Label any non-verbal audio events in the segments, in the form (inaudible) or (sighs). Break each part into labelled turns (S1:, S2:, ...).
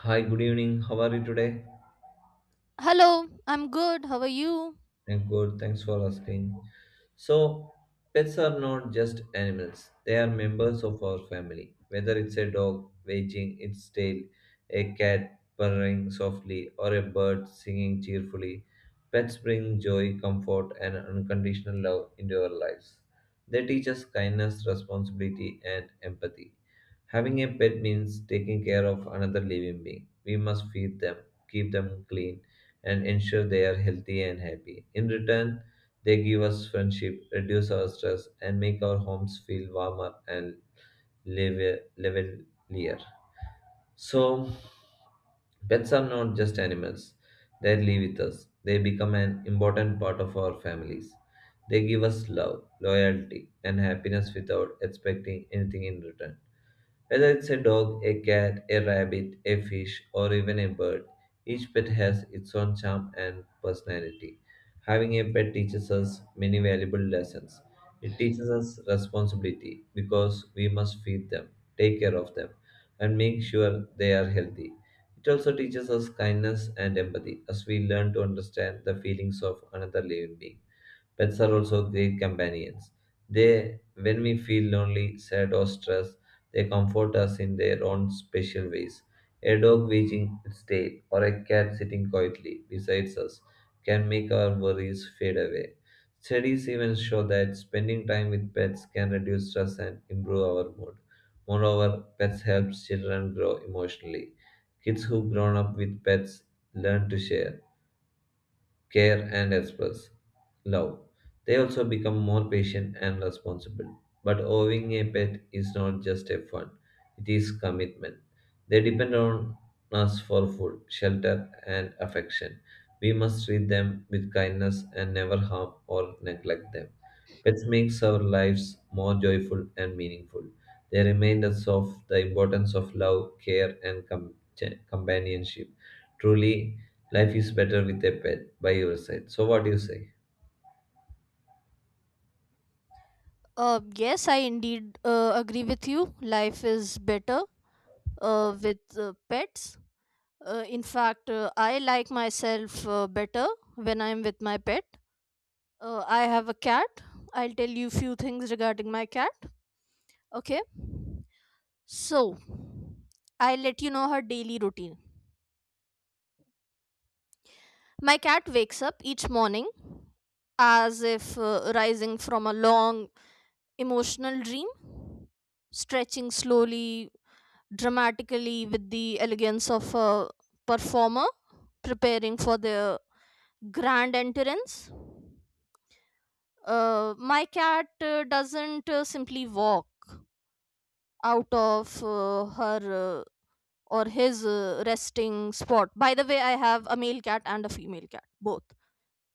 S1: Hi, good evening. How are you today?
S2: Hello, I'm good. How are you?
S1: I'm good. Thanks for asking. So, pets are not just animals, they are members of our family. Whether it's a dog wagging its tail, a cat purring softly, or a bird singing cheerfully, pets bring joy, comfort, and unconditional love into our lives. They teach us kindness, responsibility, and empathy. Having a pet means taking care of another living being. We must feed them, keep them clean and ensure they are healthy and happy. In return, they give us friendship, reduce our stress, and make our homes feel warmer and levelier. So, pets are not just animals, they live with us. They become an important part of our families. They give us love, loyalty, and happiness without expecting anything in return. Whether it's a dog, a cat, a rabbit, a fish, or even a bird, each pet has its own charm and personality. Having a pet teaches us many valuable lessons. It teaches us responsibility because we must feed them, take care of them, and make sure they are healthy. It also teaches us kindness and empathy as we learn to understand the feelings of another living being. Pets are also great companions. They, when we feel lonely, sad, or stressed, they comfort us in their own special ways. A dog wagging its tail or a cat sitting quietly beside us can make our worries fade away. Studies even show that spending time with pets can reduce stress and improve our mood. Moreover, pets help children grow emotionally. Kids who grown up with pets learn to share care, and express love. They also become more patient and responsible. But owning a pet is not just a fun, it is commitment. They depend on us for food, shelter, and affection. We must treat them with kindness and never harm or neglect them. Pets makes our lives more joyful and meaningful. They remind us of the importance of love, care, and companionship. Truly, life is better with a pet by your side. So what do you say?
S2: Yes, I indeed agree with you. Life is better with pets. In fact, I like myself better when I'm with my pet. I have a cat. I'll tell you few things regarding my cat. Okay. So, I'll let you know her daily routine. My cat wakes up each morning as if rising from a long emotional dream, stretching slowly, dramatically, with the elegance of a performer preparing for their grand entrance. My cat doesn't simply walk out of her, or his, resting spot. By the way, I have a male cat and a female cat, both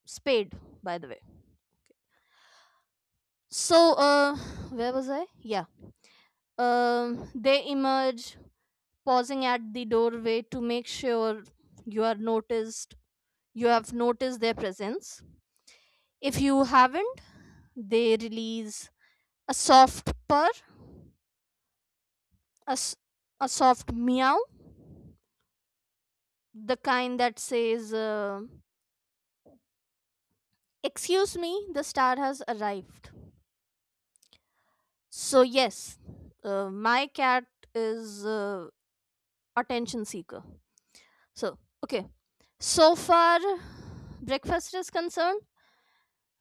S2: spayed, by the way. Okay. So, where was I? Yeah. They emerge, pausing at the doorway to make sure you are noticed you have noticed their presence. If you haven't, they release a soft purr, a, s- a soft meow, the kind that says, excuse me, the star has arrived. So yes, my cat is attention seeker. So, okay, so far breakfast is concerned: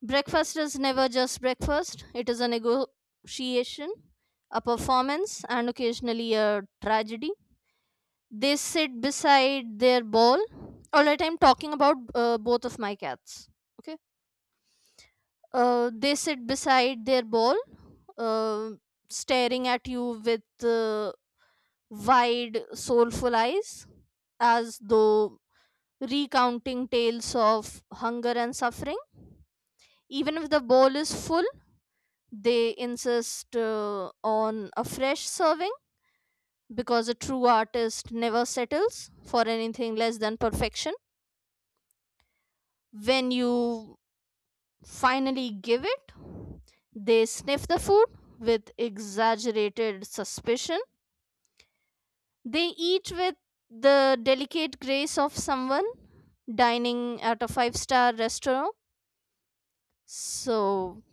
S2: breakfast is never just breakfast, it is a negotiation, a performance, and occasionally a tragedy. They sit beside their ball. All right, I'm talking about both of my cats. Okay. They sit beside their ball, uh, staring at you with wide, soulful eyes, as though recounting tales of hunger and suffering, even if the bowl is full. They insist, on a fresh serving, because a true artist never settles for anything less than perfection. When you finally give it, they sniff the food with exaggerated suspicion. They eat with the delicate grace of someone dining at a five-star restaurant. So,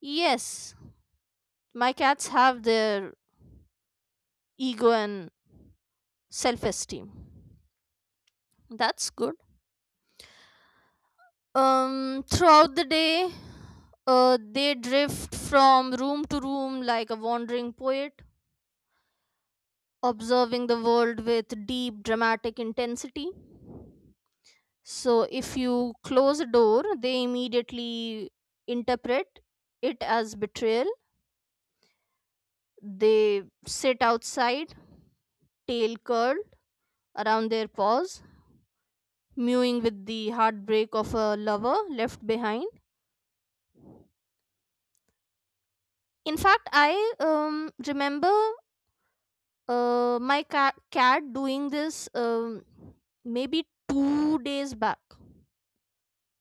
S2: yes, my cats have their ego and self esteem. That's good. Throughout the day, they drift from room to room like a wandering poet, observing the world with deep dramatic intensity. So if you close a door, they immediately interpret it as betrayal. They sit outside, tail curled around their paws, mewing with the heartbreak of a lover left behind. In fact, I remember my cat doing this, maybe 2 days back,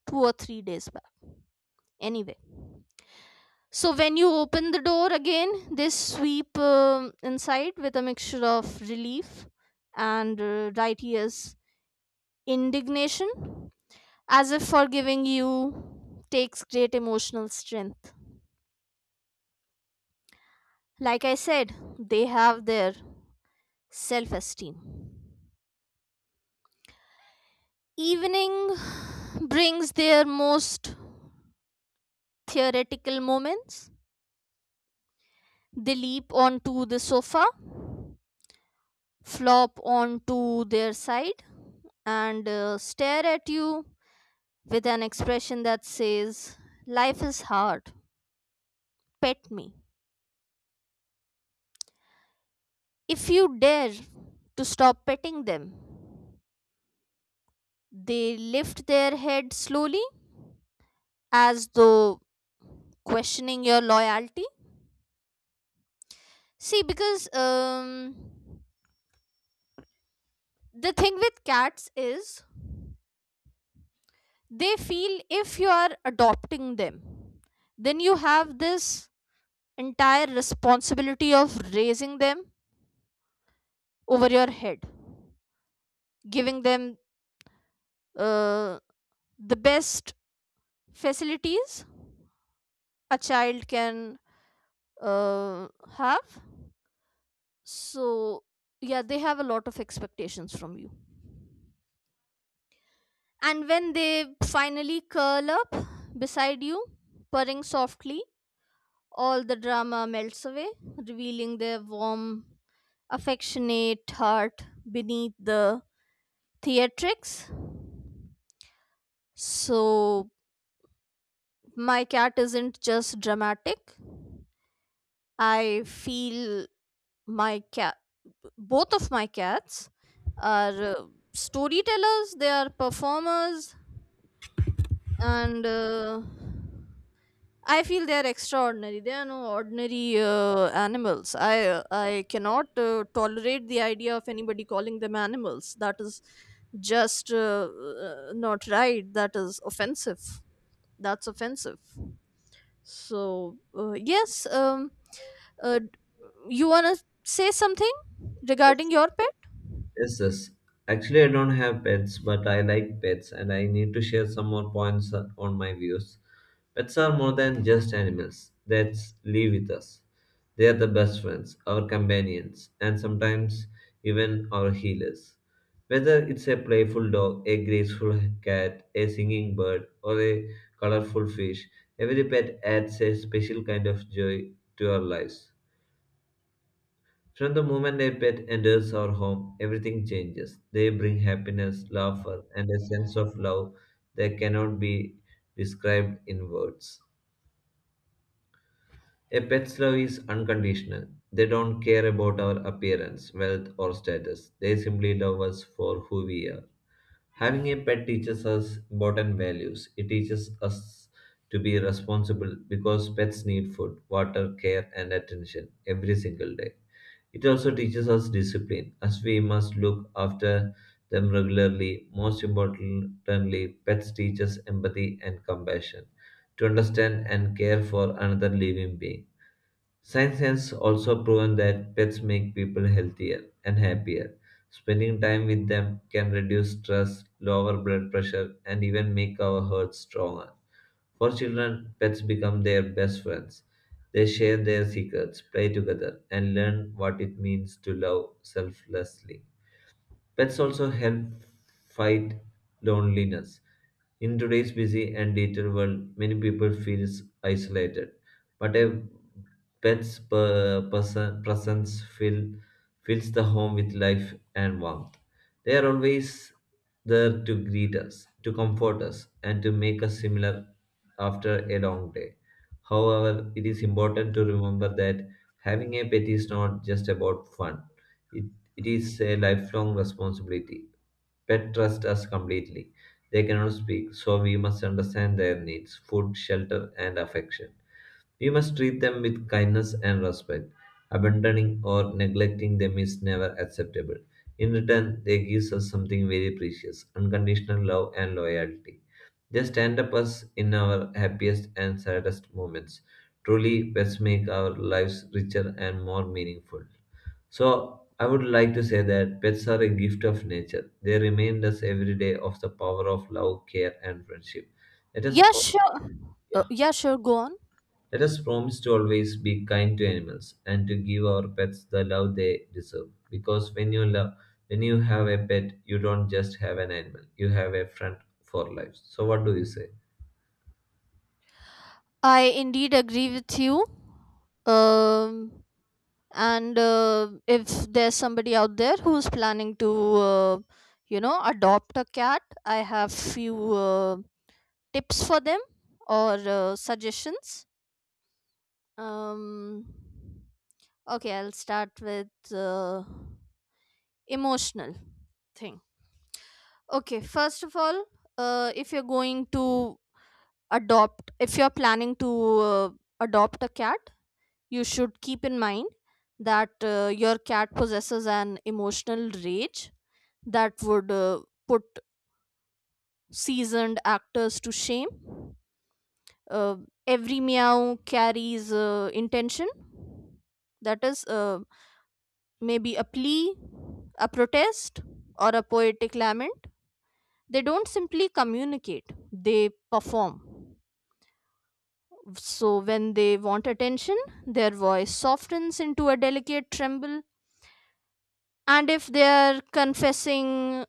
S2: 2 or 3 days back. Anyway, so when you open the door again, they sweep inside with a mixture of relief and, right ears, indignation, as if forgiving you takes great emotional strength. Like I said, they have their self esteem. Evening (sighs) brings their most theoretical moments. They leap onto the sofa, flop onto their side, and stare at you with an expression that says, life is hard, pet me. If you dare to stop petting them, they lift their head slowly, as though questioning your loyalty. See, because the thing with cats is, they feel if you are adopting them, then you have this entire responsibility of raising them over your head, giving them uh, the best facilities a child can uh, have. So yeah, they have a lot of expectations from you, and when they finally curl up beside you, purring softly, all the drama melts away, revealing their warm, affectionate heart beneath the theatrics. So, my cat isn't just dramatic. I feel my cat, both of my cats, are storytellers, they are performers, and I feel they are extraordinary. They are no ordinary animals. I cannot tolerate the idea of anybody calling them animals. That is just, not right. That is offensive. That's offensive. So yes, uh, d- you wanna say something
S1: Yes,
S2: regarding your pet?
S1: yes. Actually, I don't have pets, but I like pets, and I need to share some more points on my views. Pets are more than just animals that live with us. They are the best friends, our companions, and sometimes even our healers. Whether it's a playful dog, a graceful cat, a singing bird, or a colorful fish, every pet adds a special kind of joy to our lives. From the moment a pet enters our home, everything changes. They bring happiness, laughter, and a sense of love that cannot be described in words. A pet's love is unconditional. They don't care about our appearance, wealth, or status. They simply love us for who we are. Having a pet teaches us important values. It teaches us to be responsible because pets need food, water, care, and attention every single day. It also teaches us discipline, as we must look after them regularly. Most importantly, pets teach us empathy and compassion to understand and care for another living being. Science has also proven that pets make people healthier and happier. Spending time with them can reduce stress, lower blood pressure, and even make our hearts stronger. For children, pets become their best friends. They share their secrets, play together, and learn what it means to love selflessly. Pets also help fight loneliness. In today's busy and digital world, many people feel isolated, but a person, presence fills the home with life and warmth. They are always there to greet us, to comfort us, and to make us similar after a long day. However, it is important to remember that having a pet is not just about fun. It it is a lifelong responsibility. Pets trust us completely. They cannot speak, so we must understand their needs food, shelter, and affection. We must treat them with kindness and respect. Abandoning or neglecting them is never acceptable. In return, they give us something very precious unconditional love and loyalty. They stand up us in our happiest and saddest moments. Truly, pets make our lives richer and more meaningful. So I would like to say that pets are a gift of nature. They remind us every day of the power of love, care, and friendship. Let us,
S2: Yeah,
S1: pro-
S2: sure. Uh,
S1: yeah,
S2: yeah, sure. Go on.
S1: let us promise to always be kind to animals and to give our pets the love they deserve. Because when you love, when you have a pet, you don't just have an animal. You have a friend for life. So what do you say?
S2: I indeed agree with you. Um, and if there's somebody out there who's planning to uh, adopt a cat, I have few tips for them, or suggestions. Um okay i'll start with uh, emotional thing. Okay, first of all, if you're going to adopt if you're planning to uh, adopt a cat, you should keep in mind that your cat possesses an emotional rage that would put seasoned actors to shame. Uh, every meow carries intention. That is maybe a plea, a protest, or a poetic lament. They don't simply communicate, they perform. So, when they want attention, their voice softens into a delicate tremble. And if they are confessing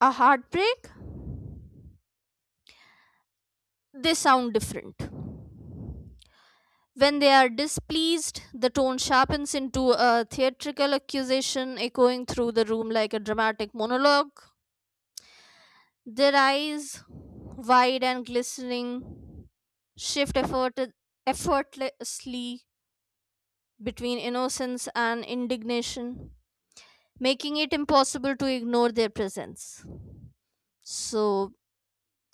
S2: a heartbreak, they sound different. When they are displeased, the tone sharpens into a theatrical accusation, echoing through the room like a dramatic monologue. Their eyes, wide and glistening, shift effortlessly between innocence and indignation, making it impossible to ignore their presence. So,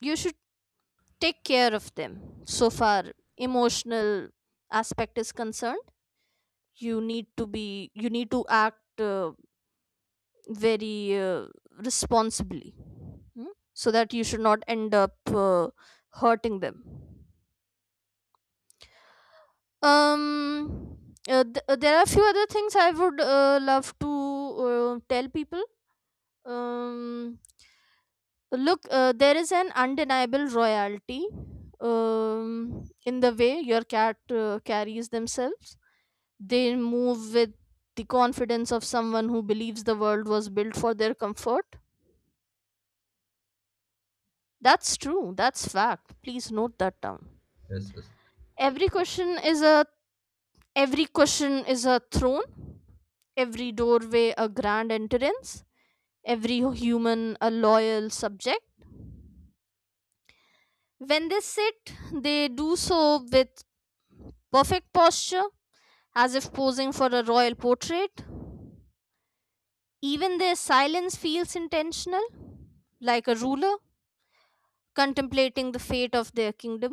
S2: you should take care of them. So far, emotional aspect is concerned, you need to act very responsibly, so that you should not end up hurting them. Um, there are a few other things I would love to tell people. Um, look, there is an undeniable royalty in the way your cat carries themselves. They move with the confidence of someone who believes the world was built for their comfort. That's true. That's fact. Please note that down.
S1: Yes, yes,
S2: Every question is a every question is a throne. Every doorway a grand entrance. Every human a loyal subject. When they sit, they do so with perfect posture, as if posing for a royal portrait. Even their silence feels intentional, like a ruler contemplating the fate of their kingdom.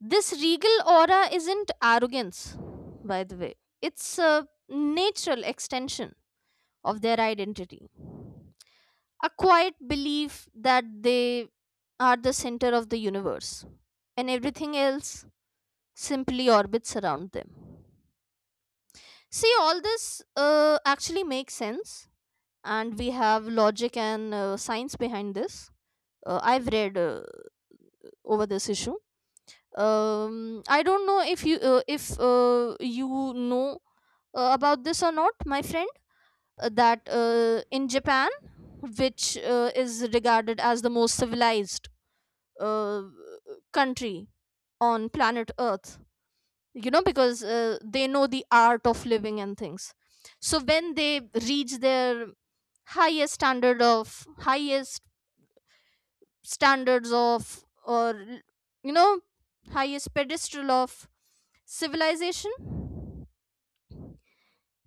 S2: This regal aura isn't arrogance, by the way, it's a natural extension of their identity, a quiet belief that they are the center of the universe and everything else simply orbits around them. See, all this actually makes sense, and we have logic and science behind this. I've read over this issue. I don't know if you know about this or not, my friend, that, in Japan, which is regarded as the most civilized uh, country on planet Earth, you know, because they know the art of living and things, so when they reach their highest standard of highest standards of or you know highest pedestal of civilization,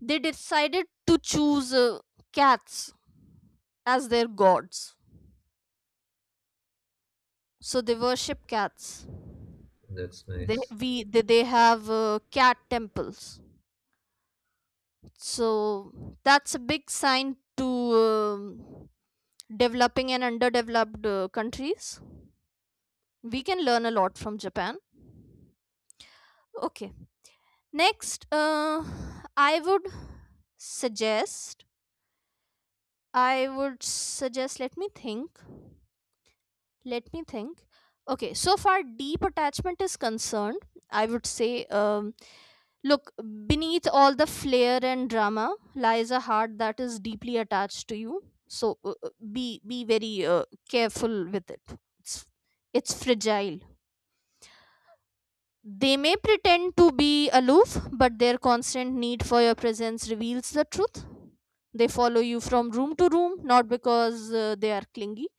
S2: they decided to choose cats as their gods, so they worship cats.
S1: that's
S2: they
S1: nice.
S2: we they, they have cat temples. So that's a big sign to um, developing and underdeveloped countries. We can learn a lot from Japan. Okay. Next, I would suggest, I would suggest, let me think. Okay, so far deep attachment is concerned, I would say, look, beneath all the flair and drama lies a heart that is deeply attached to you. So, be very careful with it. It's it's fragile. They may pretend to be aloof, but their constant need for your presence reveals the truth. They follow you from room to room, not because they are clingy,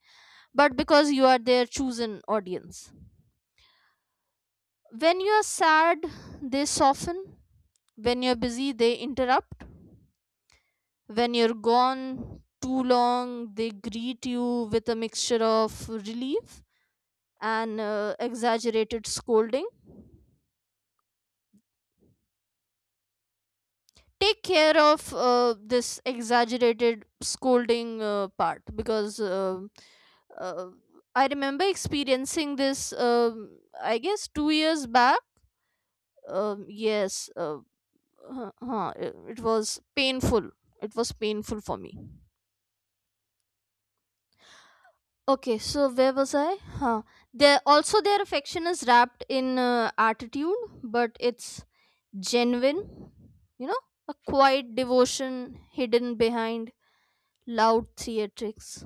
S2: but because you are their chosen audience. When you are sad, they soften. When you're busy, they interrupt. When you're gone too long, they greet you with a mixture of relief and exaggerated scolding. Take care of this exaggerated scolding part, because uh, I remember experiencing this, I guess, 2 years back. Yes, it was painful. It was painful for me. Okay, so where was I? Huh. There also their affection is wrapped in attitude, but it's genuine. You know, a quiet devotion hidden behind loud theatrics.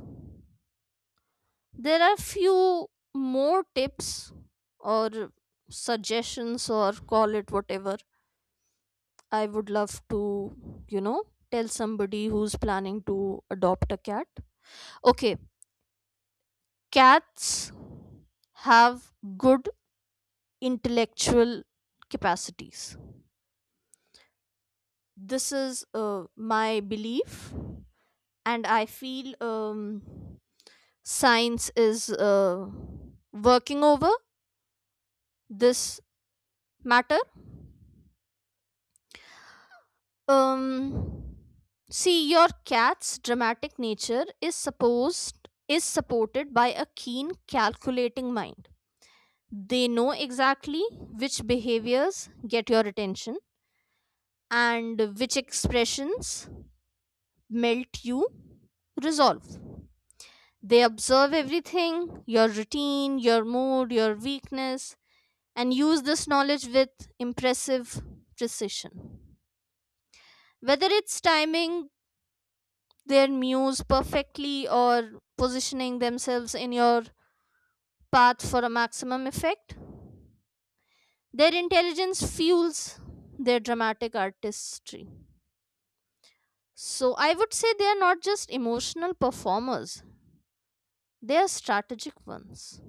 S2: There are few more tips or suggestions, or call it whatever. I would love to tell somebody who's planning to adopt a cat. Okay, cats have good intellectual capacities. This is my belief, and I feel science is working over this matter. um See, your cat's dramatic nature is supported by a keen, calculating mind. They know exactly which behaviors get your attention and which expressions melt you resolve. They observe everything: your routine, your mood, your weakness, and use this knowledge with impressive precision. Whether it's timing their muse perfectly, or positioning themselves in your path for a maximum effect, their intelligence fuels their dramatic artistry. So I would say they are not just emotional performers, they are strategic ones.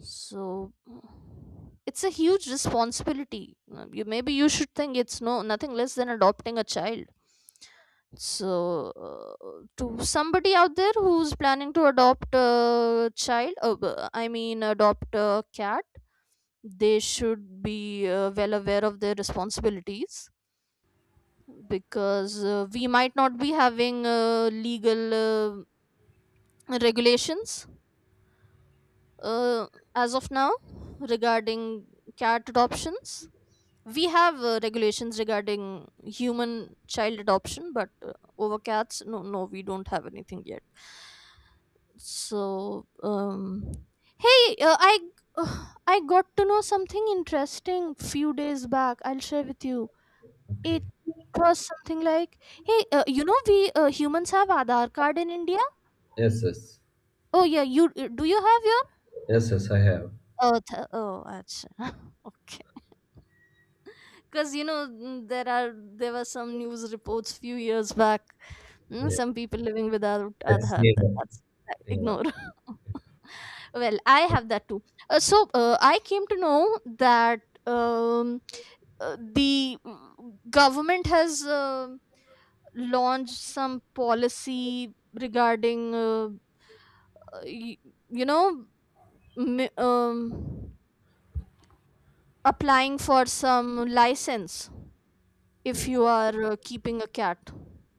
S2: So, it's a huge responsibility. You, maybe you should think it's nothing less than adopting a child. So, to somebody out there who's planning to adopt a child, b- I mean, adopt a cat, they should be well aware of their responsibilities, because we might not be having legal regulations uh, as of now regarding cat adoptions. We have regulations regarding human child adoption, but over cats, no, no, we don't have anything yet. So hey, I (sighs) I got to know something interesting few days back, I'll share with you.
S1: Okay.
S2: It was something like, hey, we humans have Aadhaar card in India.
S1: Yes, yes,
S2: Oh yeah, you do you have your—
S1: yes, yes. I have.
S2: Oh, acha. (laughs) Okay. Because, you know, there were some news reports few years back,
S1: Yeah.
S2: some people living without
S1: That's
S2: Aadhaar.
S1: neither.
S2: That's,
S1: Yeah.
S2: ignore. (laughs) Well, I have that too. So I came to know that, um, the government has launched some policy regarding uh, y- you know m- um, applying for some license if
S1: Yes.
S2: you are keeping a cat,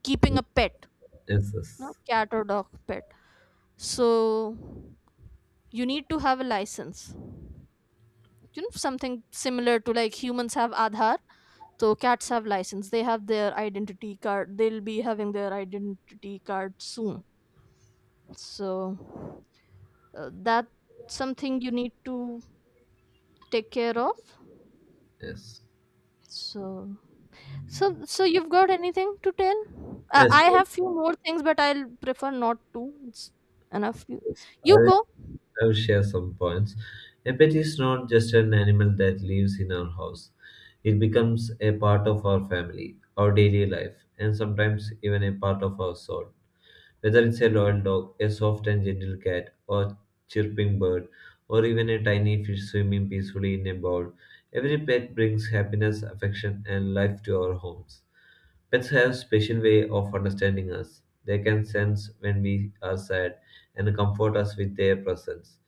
S2: keeping a pet.
S1: Yes,
S2: No,
S1: yes.
S2: cat or dog pet. So you need to have a license, you know, something similar to, like, humans have Aadhaar. So cats have license, they'll be having their identity card soon. So, that's something you need to take care of.
S1: Yes,
S2: So So, so, you've got anything to tell? Uh,
S1: yes,
S2: I
S1: yes.
S2: have few more things, but I'll prefer not to. It's enough. You,
S1: yes. I
S2: you
S1: will,
S2: go.
S1: I will share some points. A pet is not just an animal that lives in our house. It becomes a part of our family, our daily life, and sometimes even a part of our soul. Whether it's a loyal dog, a soft and gentle cat, or chirping bird, or even a tiny fish swimming peacefully in a bowl, every pet brings happiness, affection, and life to our homes. Pets have special way of understanding us. They can sense when we are sad and comfort us with their presence.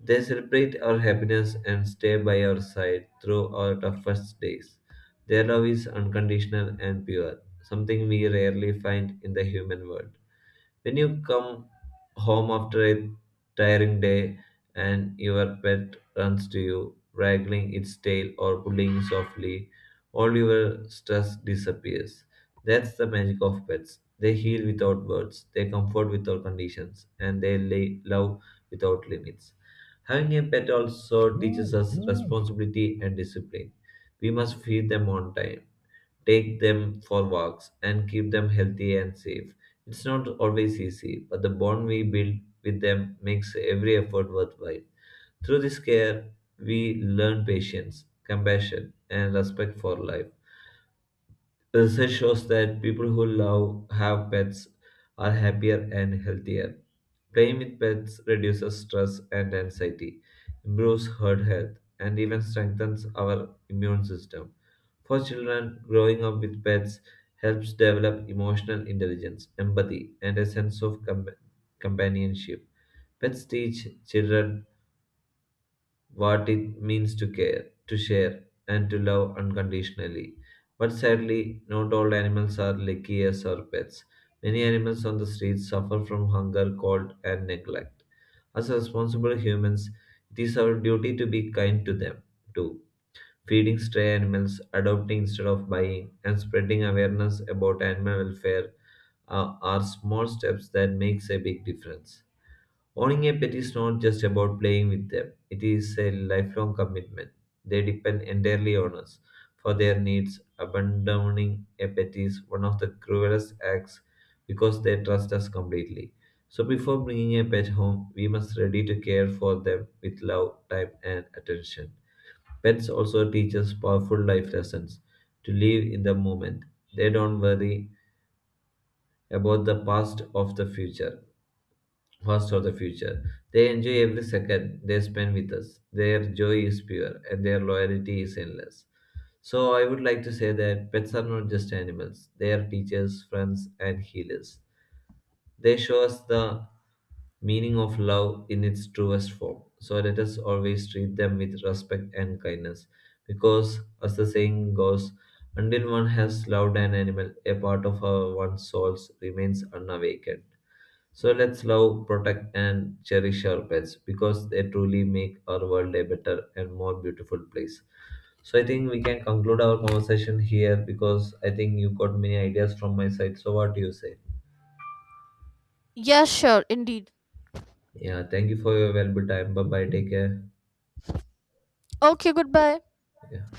S1: They celebrate our happiness and stay by our side through our toughest days. Their love is unconditional and pure, something we rarely find in the human world. When you come home after a tiring day and your pet runs to you, wagging its tail or pulling softly, all your stress disappears. That's the magic of pets. They heal without words, they comfort without conditions, and they lay love without limits. Having a pet also teaches us responsibility and discipline. We must feed them on time take them for walks, and keep them healthy and safe. It's not always easy, but the bond we build with them makes every effort worthwhile. Through this care, we learn patience, compassion, and respect for life. Research shows that people who love have pets are happier and healthier. Playing with pets reduces stress and anxiety, improves heart health, and even strengthens our immune system. For children, growing up with pets helps develop emotional intelligence, empathy, and a sense of companionship. Pets teach children what it means to care, to share, and to love unconditionally. But sadly, not all animals are lucky as our pets. Many animals on the streets suffer from hunger, cold, and neglect. As responsible humans, it is our duty to be kind to them too. Feeding stray animals, adopting instead of buying, and spreading awareness about animal welfare are small steps that makes a big difference. Owning a pet is not just about playing with them, it is a lifelong commitment. They depend entirely on us for their needs. Abandoning a pet is one of the cruelest acts because they trust us completely. So, before bringing a pet home, we must ready to care for them with love, time, and attention. Pets also teach us powerful life lessons to live in the moment. They don't worry about the past of the future past or the future. They enjoy every second they spend with us. Their joy is pure and their loyalty is endless. So I would like to say that pets are not just animals. They are teachers, friends, and healers. They show us the meaning of love in its truest form. So let us always treat them with respect and kindness. Because, as the saying goes, until one has loved an animal, a part of our one's souls remains unawakened. So let's love, protect, and cherish our pets because they truly make our world a better and more beautiful place. So I think we can conclude our conversation here because I think you got many ideas from my side. So what do you say?
S2: Yes, sure, indeed.
S1: Yeah, thank you for your valuable time. Bye bye. Take care.
S2: Okay, goodbye.
S1: Yeah.